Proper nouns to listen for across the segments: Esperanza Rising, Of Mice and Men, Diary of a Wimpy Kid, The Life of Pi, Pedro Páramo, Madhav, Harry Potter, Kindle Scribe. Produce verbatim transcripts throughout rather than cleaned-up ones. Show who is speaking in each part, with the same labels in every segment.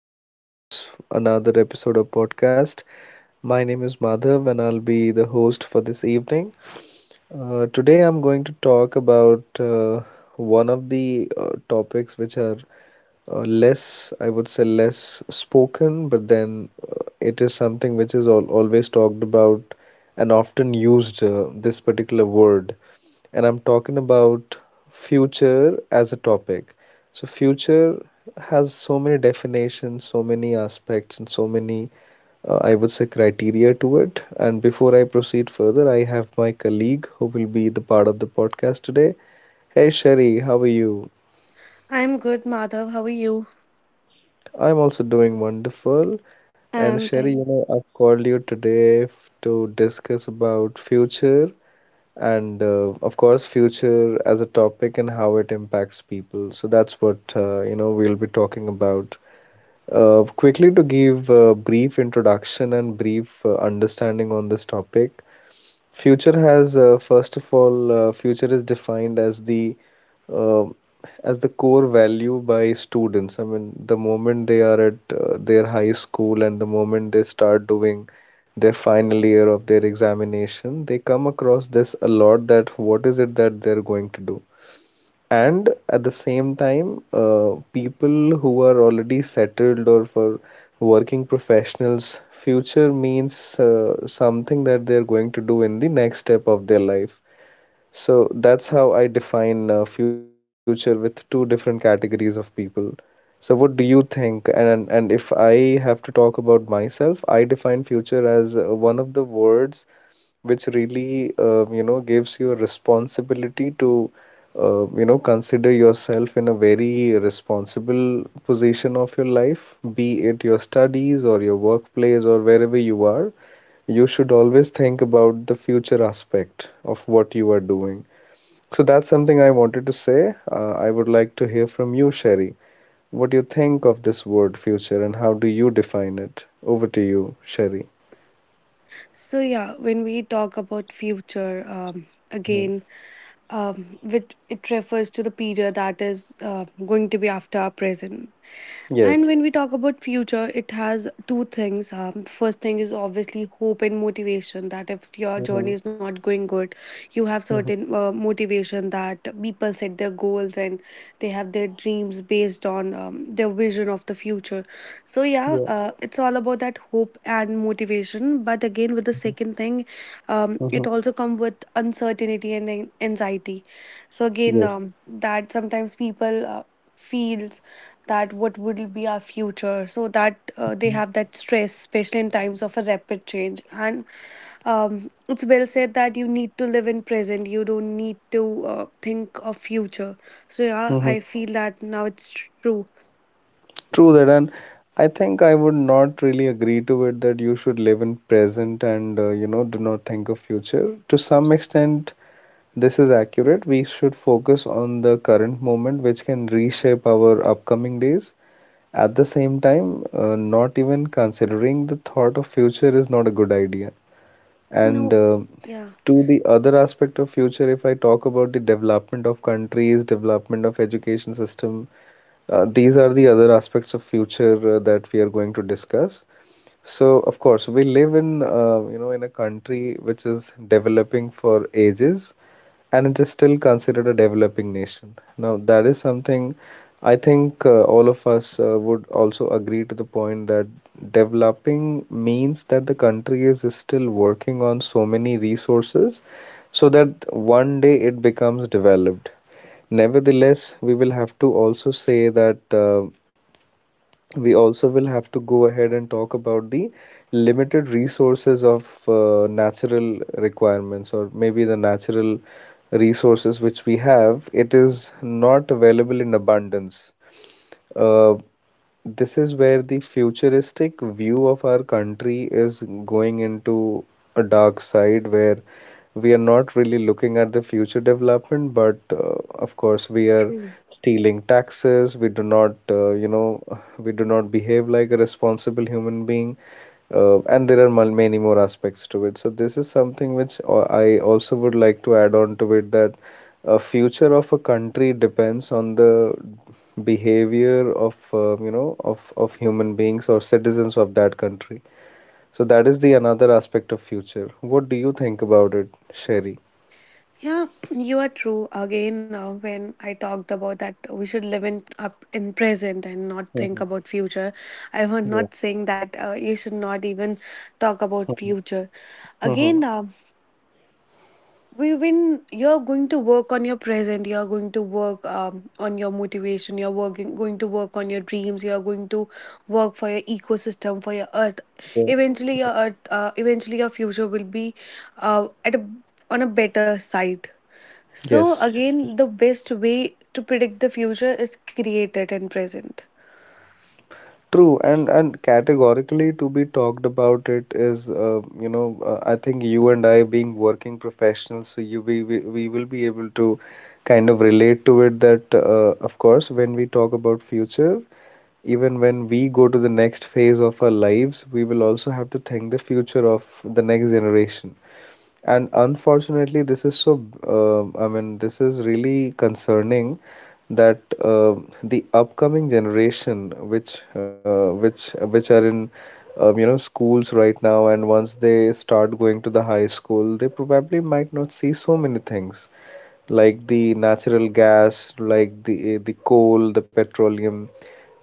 Speaker 1: again to this another episode of podcast. My name is Madhav and I'll be the host for this evening. Uh, today I'm going to talk about uh, one of the uh, topics which are uh, less, I would say, less spoken, but then uh, it is something which is al always talked about and often used, uh, this particular word. And I'm talking about future as a topic. So, future has so many definitions, so many aspects, and so many uh, I would say, criteria to it. And before I proceed further, I have my colleague who will be the part of the podcast today. Hey Sherry, how are you?
Speaker 2: I'm good, Madhav. How are you?
Speaker 1: I'm also doing wonderful. And
Speaker 2: And
Speaker 1: Sherry, you
Speaker 2: thank.
Speaker 1: know, I've called you today f- to discuss about future and uh, of course future as a topic and how it impacts people. So that's what uh, you know we'll be talking about. Uh, quickly to give a brief introduction and brief uh, understanding on this topic. Future has uh, first of all, uh, future is defined as the uh, as the core value by students. I mean, the moment they are at uh, their high school and the moment they start doing their final year of their examination, they come across this a lot that what is it that they're going to do? And at the same time, uh, people who are already settled or for working professionals, future means uh, something that they're going to do in the next step of their life. So that's how I define uh, future with two different categories of people. So what do you think? And and if I have to talk about myself, I define future as uh, one of the words which really uh, you know gives you a responsibility to uh, you know consider yourself in a very responsible position of your life, be it your studies or your workplace or wherever you are, you should always think about the future aspect of what you are doing. So that's something I wanted to say. Uh, I would like to hear from you, Sherry. What do you think of this word future and how do you define it? Over to you, Sherry.
Speaker 2: So yeah, when we talk about future, um,
Speaker 1: Mhm.
Speaker 2: again, um, which it refers to the period that is uh, going to be after our present.
Speaker 1: Yes.
Speaker 2: And when we talk about future, it has two things. Um, the first thing is obviously hope and motivation. That if your journey
Speaker 1: Mhm.
Speaker 2: is not going good, you have
Speaker 1: Mhm.
Speaker 2: certain uh, motivation that people set their goals and they have their dreams based on um, their vision of the future. So yeah,
Speaker 1: Yeah.
Speaker 2: uh, it's all about that hope and motivation. But again, with the
Speaker 1: Mhm.
Speaker 2: second thing, um,
Speaker 1: Mhm.
Speaker 2: it also comes with uncertainty and an- anxiety. So again,
Speaker 1: Yes.
Speaker 2: um, that sometimes people uh, feel that what will be our future, so that uh, they have that stress, especially in times of a rapid change. And um, it's well said that you need to live in present, you don't need to uh, think of future. So yeah,
Speaker 1: Mhm.
Speaker 2: I feel that now it's true.
Speaker 1: True that, and I think I would not really agree to it that you should live in present and uh, you know do not think of future. To some extent, this is accurate. We should focus on the current moment, which can reshape our upcoming days. At the same time, uh, not even considering the thought of future is not a good idea. And
Speaker 2: No.
Speaker 1: uh,
Speaker 2: Yeah.
Speaker 1: to the other aspect of future, if I talk about the development of countries, development of education system, uh, these are the other aspects of future uh, that we are going to discuss. So, of course, we live in uh, you know in a country which is developing for ages, and it is still considered a developing nation. Now, that is something I think uh, all of us uh, would also agree to the point that developing means that the country is still working on so many resources so that one day it becomes developed. Nevertheless, we will have to also say that uh, we also will have to go ahead and talk about the limited resources of uh, natural requirements or maybe the natural resources which we have. It is not available in abundance. Uh, this is where the futuristic view of our country is going into a dark side where we are not really looking at the future development, but uh, of course we are
Speaker 2: True.
Speaker 1: stealing taxes. We do not, uh, you know, we do not behave like a responsible human being, uh, and there are mul- many more aspects to it. So this is something which uh, I also would like to add on to it that a future of a country depends on the behavior of uh, you know of of human beings or citizens of that country. So that is the another aspect of future. What do you think about it, Sherry?
Speaker 2: Yeah. You are true again. Uh, when I talked about that we should live in up in present and not think
Speaker 1: Mhm.
Speaker 2: about future, I was
Speaker 1: Yeah.
Speaker 2: not saying that uh, you should not even talk about
Speaker 1: Mhm.
Speaker 2: future.
Speaker 1: Mm-hmm.
Speaker 2: Again, uh, we when you're going to work on your present, you're going to work um, on your motivation, you're working going to work on your dreams, you're going to work for your ecosystem, for your earth.
Speaker 1: Yeah.
Speaker 2: Eventually your earth, uh, eventually your future will be uh, at a, on a better side. So
Speaker 1: Yes.
Speaker 2: again, the best way to predict the future is create it in present.
Speaker 1: True, and and categorically to be talked about it is, uh, you know, uh, I think you and I being working professionals, so you we, we we will be able to kind of relate to it that, uh, of course, when we talk about future, even when we go to the next phase of our lives, we will also have to think the future of the next generation. And unfortunately, this is so, um, I mean, this is really concerning that um the upcoming generation, which uh, which which are in um, you know schools right now, and once they start going to the high school, they probably might not see so many things like the natural gas, like the the coal, the petroleum.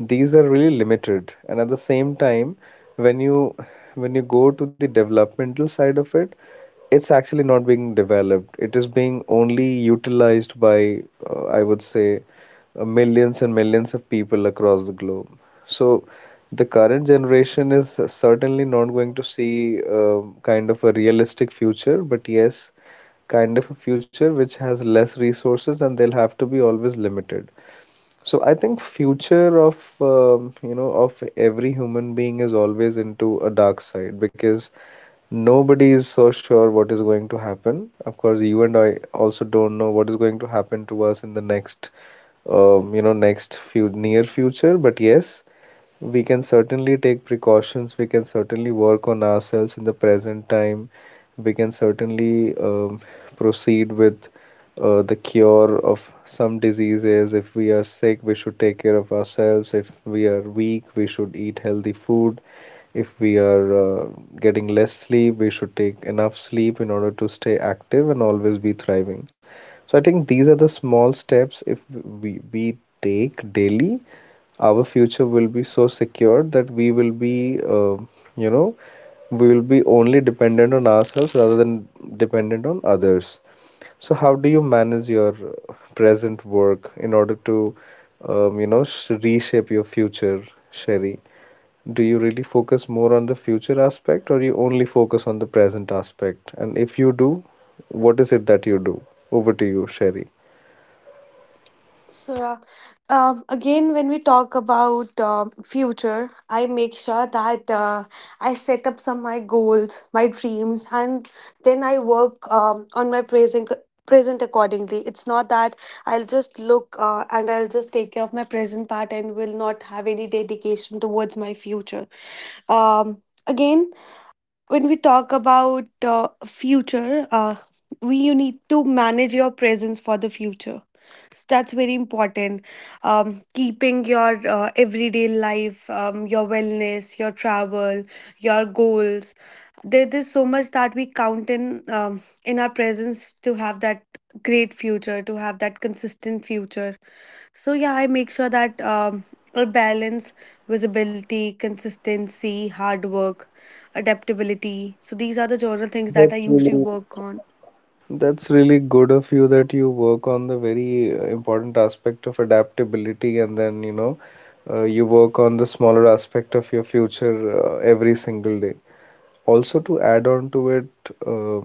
Speaker 1: These are really limited. And at the same time, when you when you go to the developmental side of it, it's actually not being developed. It is being only utilized by, uh, I would say, uh, millions and millions of people across the globe. So the current generation is certainly not going to see uh, kind of a realistic future, but yes, kind of a future which has less resources and they'll have to be always limited. So I think future of um, you know of every human being is always into a dark side because nobody is so sure what is going to happen. Of course, you and I also don't know what is going to happen to us in the next um, you know next few near future. But yes, we can certainly take precautions, we can certainly work on ourselves in the present time, we can certainly um, proceed with uh, the cure of some diseases. If we are sick, we should take care of ourselves. If we are weak, we should eat healthy food. If we are uh, getting less sleep, we should take enough sleep in order to stay active and always be thriving. So I think these are the small steps if we we take daily our future will be so secure that we will be, uh, you know, we will be only dependent on ourselves rather than dependent on others. So how do you manage your uh, present work in order to, um, you know, sh reshape your future, Sherry? Do you really focus more on the future aspect or you only focus on the present aspect? And if you do, what is it that you do? Over to you, Sherry.
Speaker 2: So, uh, um, again, when we talk about uh, future, I make sure that uh, I set up some my goals, my dreams, and then I work um, on my present present accordingly. It's not that I'll just look uh, and I'll just take care of my present part and will not have any dedication towards my future. Um, again, when we talk about uh, future, uh, we you need to manage your presence for the future. So that's very important. Um, keeping your uh, everyday life, um, your wellness, your travel, your goals, there is so much that we count in um, in our presence to have that great future, to have that consistent future. So yeah, I make sure that um, I balance visibility, consistency, hard work, adaptability. So these are the general things that I usually work on.
Speaker 1: That's really good of you that you work on the very uh, important aspect of adaptability and then, you know, uh, you work on the smaller aspect of your future uh, every single day. Also, to add on to it, uh,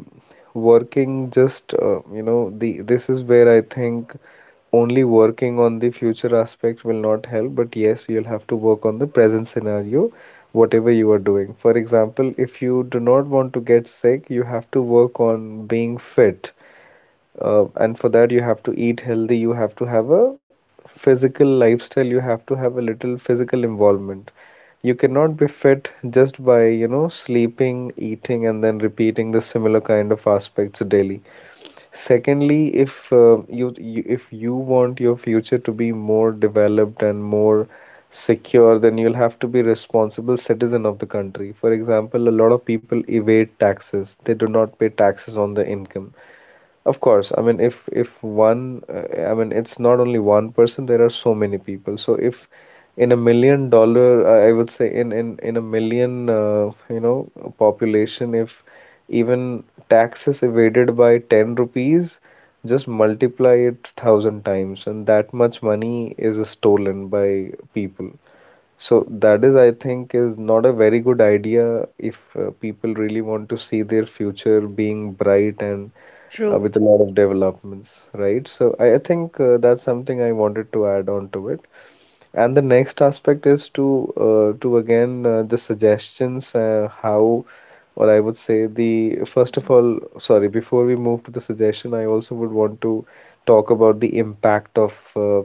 Speaker 1: working just, uh, you know, the this is where I think only working on the future aspect will not help, but yes, you'll have to work on the present scenario, whatever you are doing. For example, if you do not want to get sick, you have to work on being fit, uh, and for that, you have to eat healthy, you have to have a physical lifestyle, you have to have a little physical involvement. You cannot be fit just by, you know, sleeping, eating, and then repeating the similar kind of aspects daily. Secondly, if uh, you, you if you want your future to be more developed and more secure, then you'll have to be responsible citizen of the country. For example, a lot of people evade taxes. They do not pay taxes on the income. Of course, I mean, if if one, uh, I mean, it's not only one person. There are so many people. So if in a million dollar, I I would say in in in a million, uh, you know, population, if even taxes evaded by ten rupees, just multiply it thousand times, and that much money is stolen by people. So that is, I think, is not a very good idea if uh, people really want to see their future being bright and uh,
Speaker 2: True.
Speaker 1: with a lot of developments, right? So I, I think uh, that's something I wanted to add on to it. And the next aspect is to uh, to again uh, the suggestions, uh, how, or I would say the first of all, sorry, before we move to the suggestion, I also would want to talk about the impact of uh,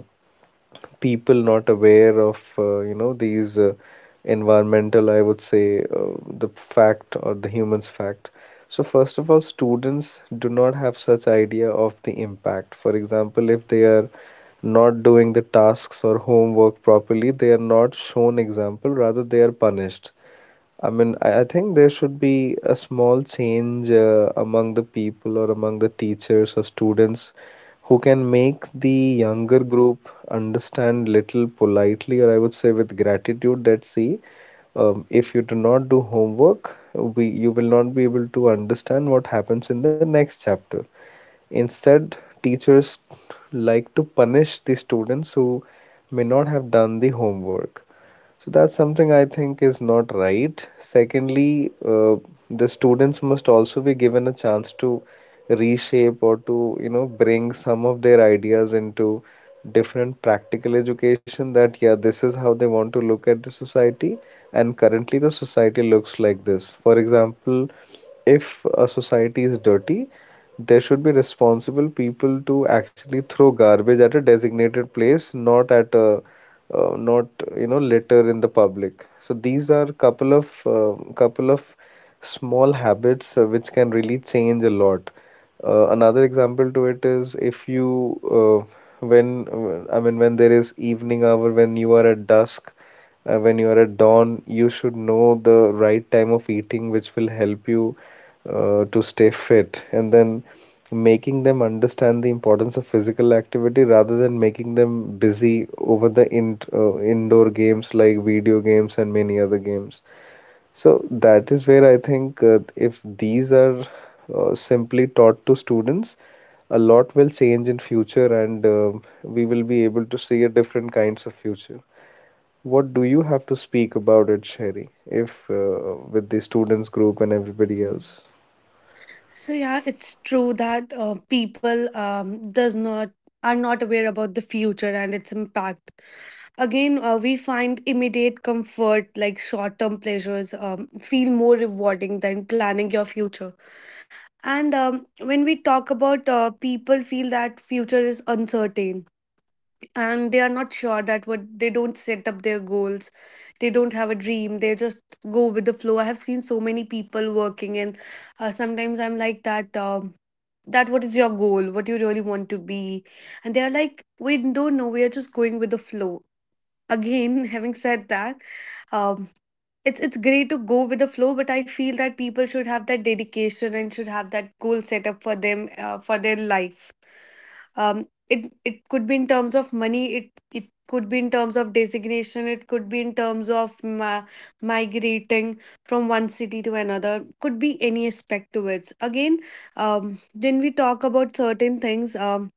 Speaker 1: people not aware of, uh, you know, these uh, environmental, I would say, uh, the fact or the humans fact. So first of all, students do not have such idea of the impact. For example, if they are not doing the tasks or homework properly, they are not shown example, rather they are punished. I mean, I, I think there should be a small change uh, among the people or among the teachers or students who can make the younger group understand little politely, or I would say with gratitude, that see, um, if you do not do homework, we you will not be able to understand what happens in the next chapter. Instead, teachers like to punish the students who may not have done the homework. So that's something I think is not right. Secondly, uh, the students must also be given a chance to reshape or to, you know, bring some of their ideas into different practical education that, yeah, this is how they want to look at the society, and currently the society looks like this. For example, if a society is dirty, there should be responsible people to actually throw garbage at a designated place, not at a uh, not you know, litter in the public. So these are couple of uh, couple of small habits uh, which can really change a lot. Uh, another example to it is if you uh, when uh, I mean, when there is evening hour, when you are at dusk. Uh, when you are at dawn, you should know the right time of eating, which will help you uh, to stay fit. And then making them understand the importance of physical activity rather than making them busy over the in uh, indoor games like video games and many other games. So that is where I think uh, if these are uh, simply taught to students, a lot will change in future, and uh, we will be able to see a different kinds of future. What do you have to speak about it, Sherry, if uh, with the students group and everybody else?
Speaker 2: So yeah, it's true that uh, people um, does not are not aware about the future and its impact. Again, uh, we find immediate comfort like short term pleasures, um, feel more rewarding than planning your future. And um, when we talk about uh, people feel that future is uncertain and they are not sure that what they don't set up their goals, they don't have a dream, they just go with the flow. I have seen so many people working, and uh, sometimes I'm like that, um, that what is your goal, what you really want to be. And they are like, we don't know, we are just going with the flow. Again, having said that, um, it's it's great to go with the flow, but I feel that people should have that dedication and should have that goal set up for them uh, for their life. Um, it it could be in terms of money, it it could be in terms of designation, it could be in terms of ma- migrating from one city to another, could be any aspect to it. Again, um, when we talk about certain things, um,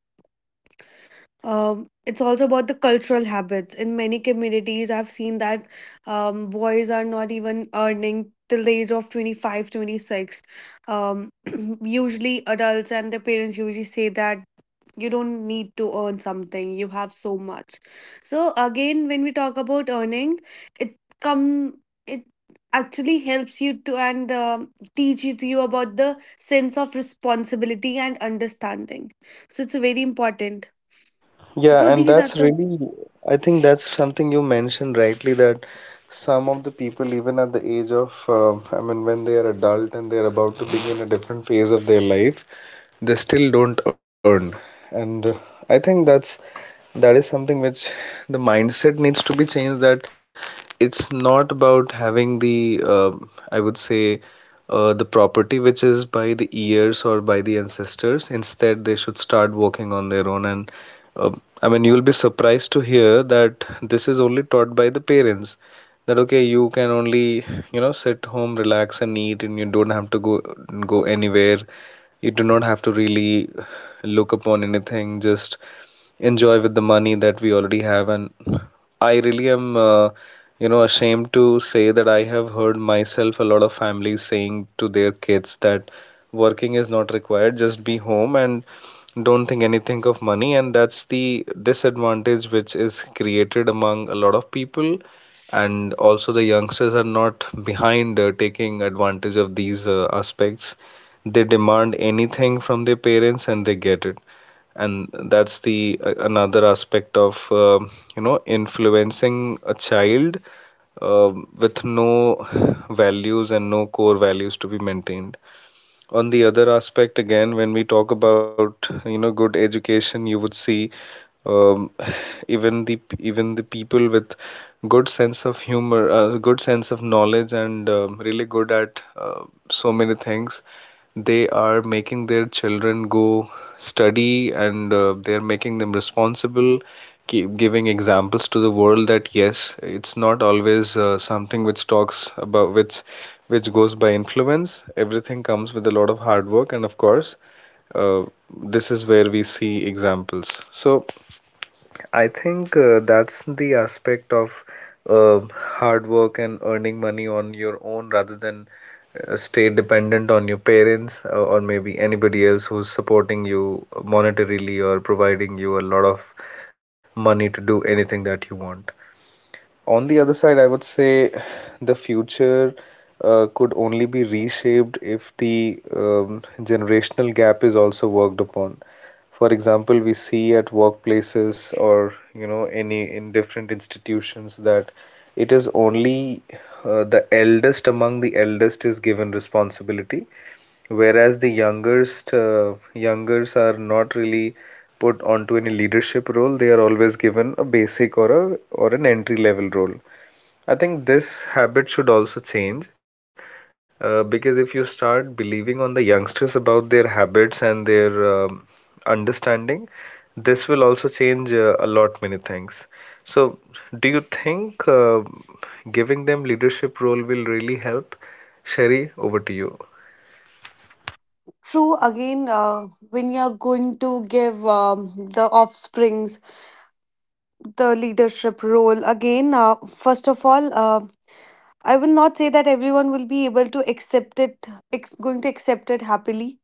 Speaker 2: um, it's also about the cultural habits. In many communities I've seen that um, boys are not even earning till the age of twenty five, twenty six. um, usually adults and their parents usually say that you don't need to earn something, you have so much. So again, when we talk about earning, it come it actually helps you to and um teaches you about the sense of responsibility and understanding. So it's very important.
Speaker 1: Yeah,
Speaker 2: So
Speaker 1: and
Speaker 2: these are
Speaker 1: that's
Speaker 2: the
Speaker 1: really, I think that's something you mentioned rightly, that some of the people, even at the age of, uh, I mean, when they are adult and they're about to begin a different phase of their life, they still don't earn. And uh, I think that's that is something which the mindset needs to be changed, that it's not about having the, um, I would say, uh, the property which is by the years or by the ancestors. Instead, they should start working on their own. And uh, I mean, you'll be surprised to hear that this is only taught by the parents, that okay, you can only, you know, sit home, relax and eat, and you don't have to go go anywhere. You do not have to really look upon anything, just enjoy with the money that we already have. And I really am, uh, you know, ashamed to say that I have heard myself a lot of families saying to their kids that working is not required, just be home and don't think anything of money. And that's the disadvantage which is created among a lot of people. And also the youngsters are not behind uh, taking advantage of these uh, aspects. They demand anything from their parents and they get it. And that's the uh, another aspect of, um, you know, influencing a child, um, with no values and no core values to be maintained. On the other aspect, again, when we talk about, you know, good education, you would see, um, even the even the people with good sense of humor, uh, good sense of knowledge, and um, really good at uh, so many things, they are making their children go study, and uh, they're making them responsible, keep giving examples to the world that yes, it's not always uh, something which talks about which which goes by influence. Everything comes with a lot of hard work, and of course, uh, this is where we see examples. So I think uh, that's the aspect of uh, hard work and earning money on your own, rather than uh, stay dependent on your parents, uh, or maybe anybody else who's supporting you monetarily or providing you a lot of money to do anything that you want. On the other side, I would say the future uh, could only be reshaped if the, um, generational gap is also worked upon. For example, we see at workplaces or, you know, any in different institutions, that it is only uh, the eldest among the eldest is given responsibility, whereas the youngest, uh, youngers are not really put onto any leadership role. They are always given a basic or a or an entry level role. I think this habit should also change, uh, because if you start believing on the youngsters about their habits and their, um, understanding, this will also change uh, a lot many things. So, do you think uh, giving them leadership role will really help? Sherry, over to you.
Speaker 2: true again. Uh, when you're going to give um, the offsprings the leadership role, again, uh, first of all, uh, I will not say that everyone will be able to accept it ex- going to accept it happily.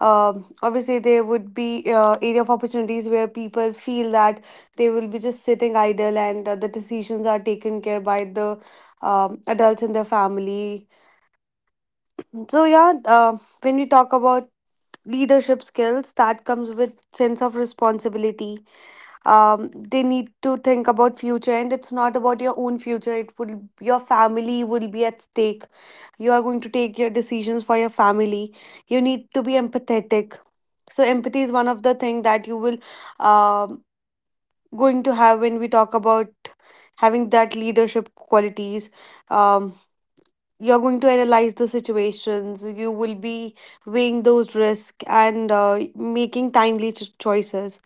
Speaker 2: Um, obviously there would be uh, area of opportunities where people feel that they will be just sitting idle and uh, the decisions are taken care by the um, adults in their family. So yeah, uh, when we talk about leadership skills, that comes with sense of responsibility. Um, they need to think about future, and it's not about your own future. It will your family will be at stake. You are going to take your decisions for your family. You need to be empathetic. So empathy is one of the thing that you will um going to have when we talk about having that leadership qualities. Um, you're going to analyze the situations, you will be weighing those risks and uh, making timely ch- choices.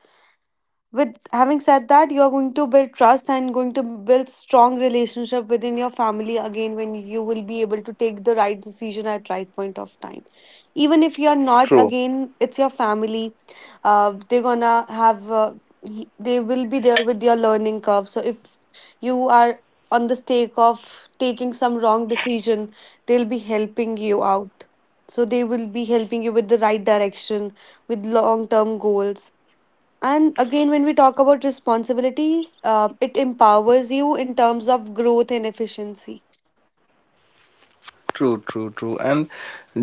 Speaker 2: With having said that, you're going to build trust and going to build strong relationship within your family. Again, when you will be able to take the right decision at right point of time, even if you're not,
Speaker 1: True.
Speaker 2: again it's your family, uh, they're gonna have uh, he- they will be there with your learning curve. So if you are on the stake of taking some wrong decision, they'll be helping you out. So they will be helping you with the right direction, with long term goals. And again, when we talk about responsibility, uh, it empowers you in terms of growth and efficiency.
Speaker 1: True, true, true. And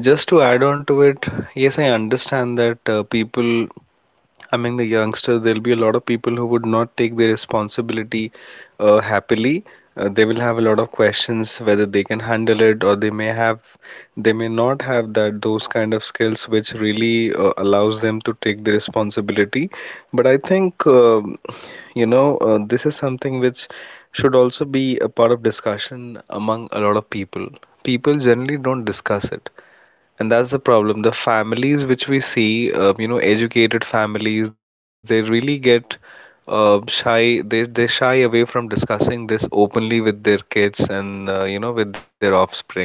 Speaker 1: just to add on to it, yes, I understand that uh, people among the youngsters, there'll be a lot of people who would not take the responsibility uh, happily. Uh, they will have a lot of questions whether they can handle it, or they may have they may not have that those kind of skills which really uh, allows them to take the responsibility. But I think, um, you know, uh, this is something which should also be a part of discussion among a lot of people. People generally don't discuss it, and that's the problem. The families which we see, uh, you know, educated families, they really get uh, shy. They they shy away from discussing this openly with their kids, and uh, you know, with their offsprings.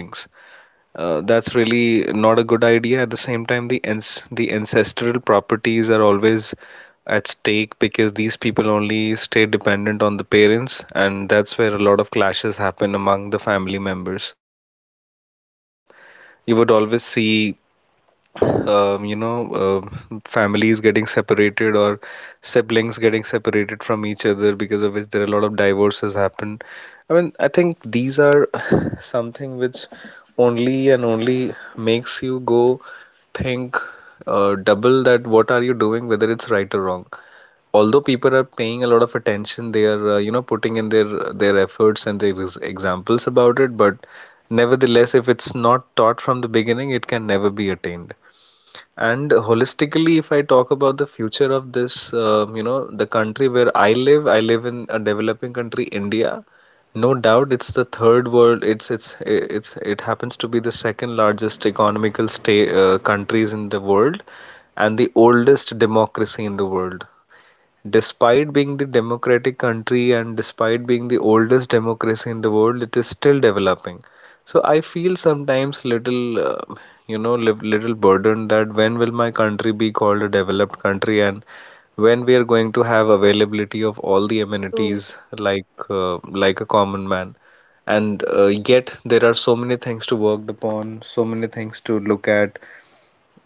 Speaker 1: Uh, that's really not a good idea. At the same time, the ans the ancestral properties are always at stake because these people only stay dependent on the parents, and that's where a lot of clashes happen among the family members. You would always see, um, you know, um, families getting separated, or siblings getting separated from each other, because of which there are a lot of divorces happen. I mean, I think these are something which only and only makes you go think uh, double, that what are you doing, whether it's right or wrong. Although people are paying a lot of attention, they are, uh, you know, putting in their their efforts and their ex- examples about it, but nevertheless, if it's not taught from the beginning, it can never be attained. And holistically, if I talk about the future of this, um, you know, the country where I live, I live in a developing country, India. No doubt, it's the third world. It's it's it's it happens to be the second largest economical state uh, countries in the world, and the oldest democracy in the world. Despite being the democratic country and despite being the oldest democracy in the world, it is still developing. So I feel sometimes little, uh, you know, li- little burdened, that when will my country be called a developed country, and when we are going to have availability of all the
Speaker 2: True.
Speaker 1: amenities like uh, like a common man. And uh, yet there are so many things to work upon, so many things to look at,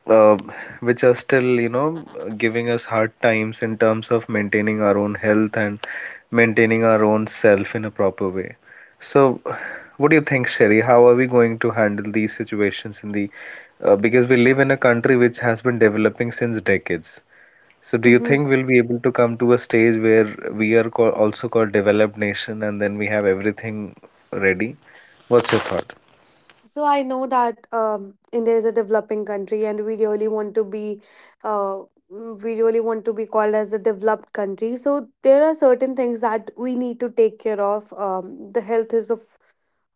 Speaker 1: uh, which are still, you know, giving us hard times in terms of maintaining our own health and maintaining our own self in a proper way. So, what do you think, Sherry? How are we going to handle these situations in the, uh, because we live in a country which has been developing since decades. So, do you
Speaker 2: Hmm.
Speaker 1: think we'll be able to come to a stage where we are call, also called developed nation, and then we have everything ready? What's your thought?
Speaker 2: So I know that um, India is a developing country, and we really want to be, uh, mm, we really want to be called as a developed country. So there are certain things that we need to take care of. Um, the health is the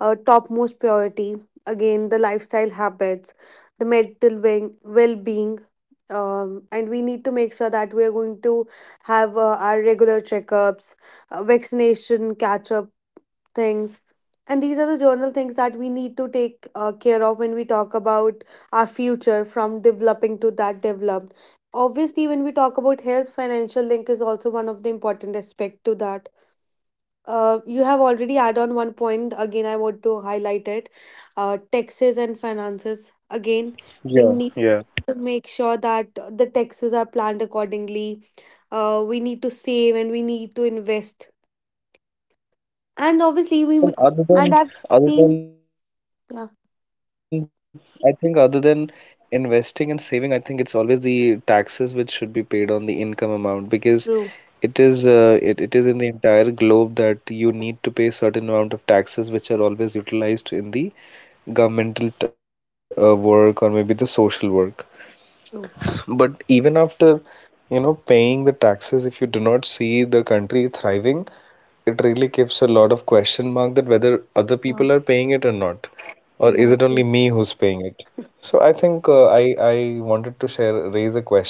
Speaker 2: uh, topmost priority. Again, the lifestyle habits, the mental well being. Um, and we need to make sure that we are going to have uh, our regular checkups, uh, vaccination catch up things. And these are the journal things that we need to take uh, care of when we talk about our future from developing to that developed. Obviously, when we talk about health, financial link is also one of the important aspect to that. Uh, you have already add on one point. Again, I want to highlight it. Uh, taxes and finances. Again, we
Speaker 1: Yeah,
Speaker 2: need
Speaker 1: yeah.
Speaker 2: to make sure that the taxes are planned accordingly. Uh, we need to save and we need to invest. And obviously,
Speaker 1: I
Speaker 2: we
Speaker 1: mean,
Speaker 2: m-
Speaker 1: other
Speaker 2: and
Speaker 1: than,
Speaker 2: I've
Speaker 1: other
Speaker 2: seen.
Speaker 1: than, I think other
Speaker 2: Yeah,
Speaker 1: than investing and saving, I think it's always the taxes which should be paid on the income amount, because it is, uh, it,
Speaker 2: true,
Speaker 1: it is in the entire globe, that you need to pay certain amount of taxes which are always utilized in the governmental t- uh, work, or maybe the social work. But even
Speaker 2: true.
Speaker 1: after, you know, paying the taxes, if you do not see the country thriving, it really gives a lot of question mark, that whether other people are paying it
Speaker 2: Yeah,
Speaker 1: or not, or is it only me who's
Speaker 2: exactly.
Speaker 1: paying it? So I think uh, I I wanted to share raise a question,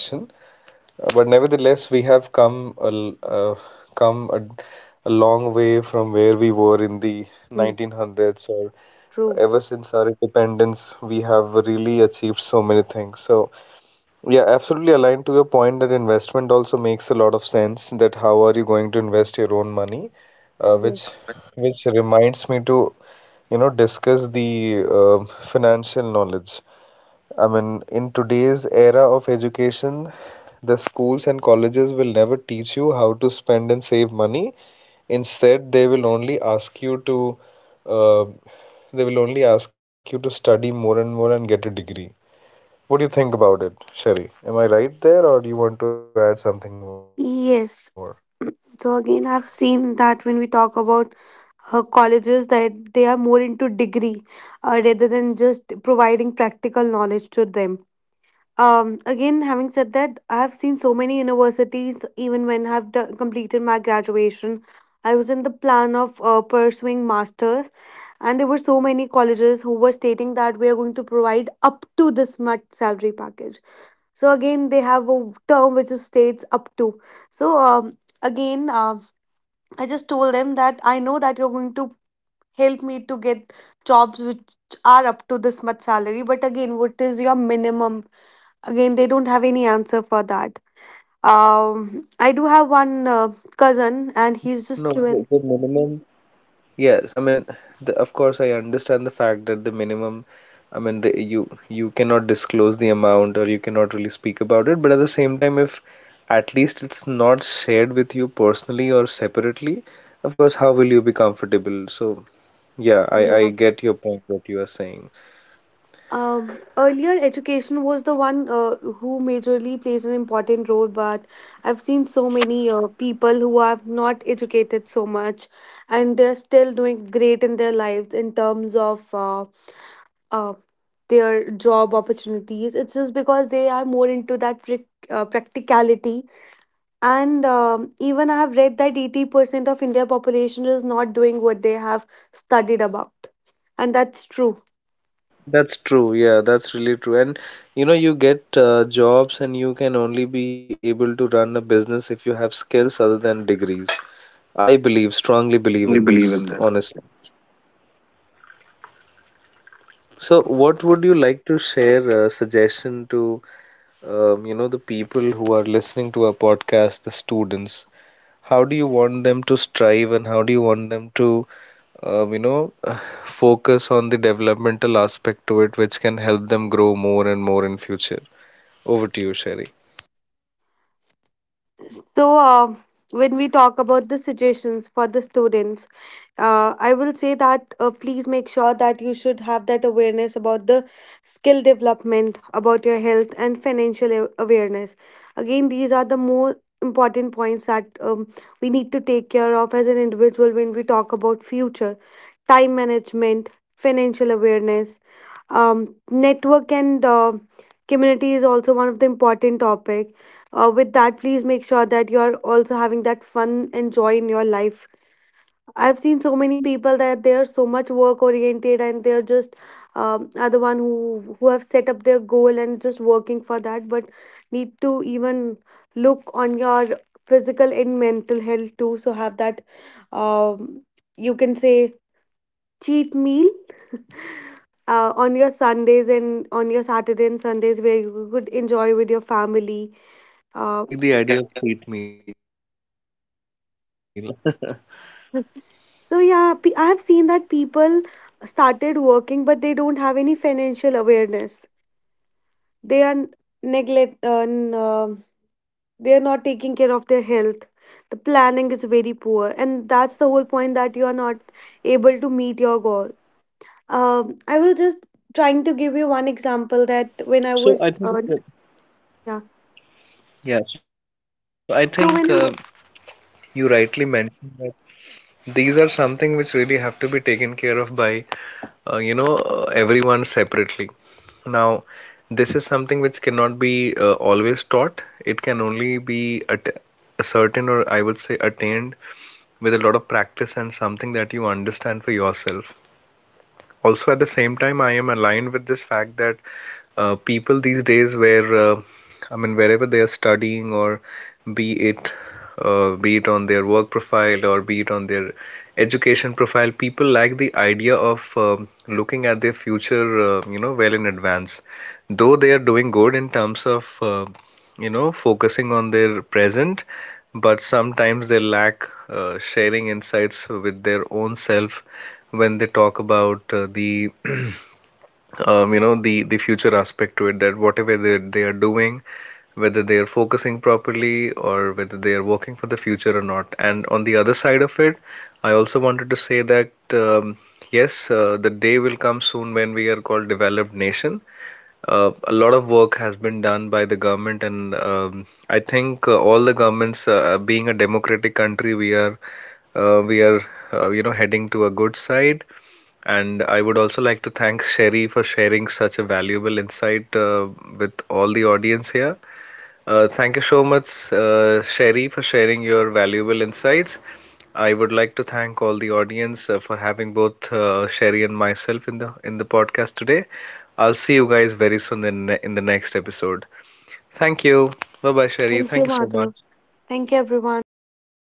Speaker 1: uh, but nevertheless, we have come a l- uh, come a, a long way from where we were in the
Speaker 2: Mm,
Speaker 1: nineteen hundreds, or
Speaker 2: true.
Speaker 1: ever since our independence, we have really achieved so many things. So yeah, absolutely aligned to your point that investment also makes a lot of sense, that how are you going to invest your own money, uh,
Speaker 2: Yes.
Speaker 1: which which reminds me to, you know, discuss the uh, financial knowledge. I mean, in today's era of education, the schools and colleges will never teach you how to spend and save money. Instead, they will only ask you to, uh, they will only ask you to study more and more and get a degree. What do you think about it, Sherry? Am I right there, or do you want to add something more?
Speaker 2: Yes. So again, I've seen that when we talk about uh, colleges, that they are more into degree uh, rather than just providing practical knowledge to them. Um, again, having said that, I have seen so many universities. Even when I have do- completed my graduation, I was in the plan of uh, pursuing masters, and there were so many colleges who were stating that we are going to provide up to this much salary package. So again, they have a term which is states up to. So um, again, uh, I just told them that I know that you're going to help me to get jobs which are up to this much salary, but again, what is your minimum? Again, they don't have any answer for that. um
Speaker 1: No,
Speaker 2: I
Speaker 1: I
Speaker 2: do
Speaker 1: mean,
Speaker 2: have
Speaker 1: uh,
Speaker 2: one
Speaker 1: of
Speaker 2: uh,
Speaker 1: course, uh, the
Speaker 2: cousin and
Speaker 1: minimum,
Speaker 2: he's just
Speaker 1: no, the,
Speaker 2: twelve.
Speaker 1: the minimum, yes, I mean, the, of course, I understand the fact that the minimum, I mean, the, you you cannot disclose the amount or you cannot really speak about it, but at the same time, if at least it's not shared with you personally or separately, of course, how will you be comfortable? So, yeah, I,
Speaker 2: Yeah.
Speaker 1: I get your point, what you are saying.
Speaker 2: Um, earlier, education was the one uh, who majorly plays an important role, but I've seen so many uh, people who are not educated so much, and they're still doing great in their lives in terms of uh, uh, their job opportunities. It's just because they are more into that prac- uh, practicality. And um, even I have read that eighty percent of India population is not doing what they have studied about. And that's true.
Speaker 1: That's true. Yeah, that's really true. And you know, you get uh, jobs and you can only be able to run a business if you have skills other than degrees. I believe, strongly believe in this, honestly. So, what would you like to share a suggestion to um, you know, the people who are listening to our podcast, the students? How do you want them to strive and how do you want them to um, you know, focus on the developmental aspect to it, which can help them grow more and more in future? Over to you, Sherry.
Speaker 2: So, uh, when we talk about the suggestions for the students, uh, I will say that uh, please make sure that you should have that awareness about the skill development, about your health, and financial a- awareness. Again, these are the more important points that um, we need to take care of as an individual. When we talk about future, time management, financial awareness, um, network and uh, community is also one of the important topics. Uh, with that, please make sure that you're also having that fun and joy in your life. I've seen so many people that they are so much work oriented, and they're just um, are the one who who have set up their goal and just working for that, but need to even look on your physical and mental health too. So have that um, you can say cheat meal uh, on your Sundays and on your Saturday and Sundays where you could enjoy with your family.
Speaker 1: I
Speaker 2: Uh,
Speaker 1: like the idea of sweet meal.
Speaker 2: So yeah, pe- I have seen that people started working, but they don't have any financial awareness. They are n- neglect. Uh, n- uh, they are
Speaker 1: Yeah.
Speaker 2: not taking care of their health. The planning is very poor, and that's the whole point that you are not able to meet your goal. Um, I will just trying to
Speaker 1: Mm-hmm.
Speaker 2: give you one
Speaker 1: Mm-hmm.
Speaker 2: example that when I was, uh,
Speaker 1: So I think, uh,
Speaker 2: yeah.
Speaker 1: yeah, so I
Speaker 2: So
Speaker 1: think
Speaker 2: when I
Speaker 1: uh,
Speaker 2: was,
Speaker 1: you rightly mentioned that these are something which really have to be taken care of by, uh, you know, uh, everyone separately. Now, this is something which cannot be uh, always taught. It can only be at certain or I would say attained with a lot of practice and something that you understand for yourself. Also at the same time, I am aligned with this fact that uh, people these days where uh, I mean wherever they are studying or be it uh, be it on their work profile or be it on their education profile, people like the idea of um looking at their future uh, you know, well in advance. Though they are doing good in terms of uh, you know, focusing on their present, but sometimes they lack uh, sharing insights with their own self when they talk about uh, the um, you know, the the future aspect to it, that whatever they they are doing, whether they are focusing properly or whether they are working for the future or not. And on the other side of it, I also wanted to say that um, yes, uh, the day will come soon when we are called developed nation. Uh, a lot of work has been done by the government, and um, I think uh, all the governments, uh, uh, being a democratic country, we are uh, we are uh, you know, heading to a good side. And I would also like to thank Sherry for sharing such a valuable insight uh, with all the audience here. Uh, thank you so much, uh, Sherry, for sharing your valuable insights. I would like to thank all the audience uh, for having both uh, Sherry and myself in the in the podcast today. I'll see you guys very soon in, in the next episode. Thank you. Bye bye, Sherry.
Speaker 2: thank you,
Speaker 1: Thank you so much.
Speaker 2: Madhav. Thank you, everyone.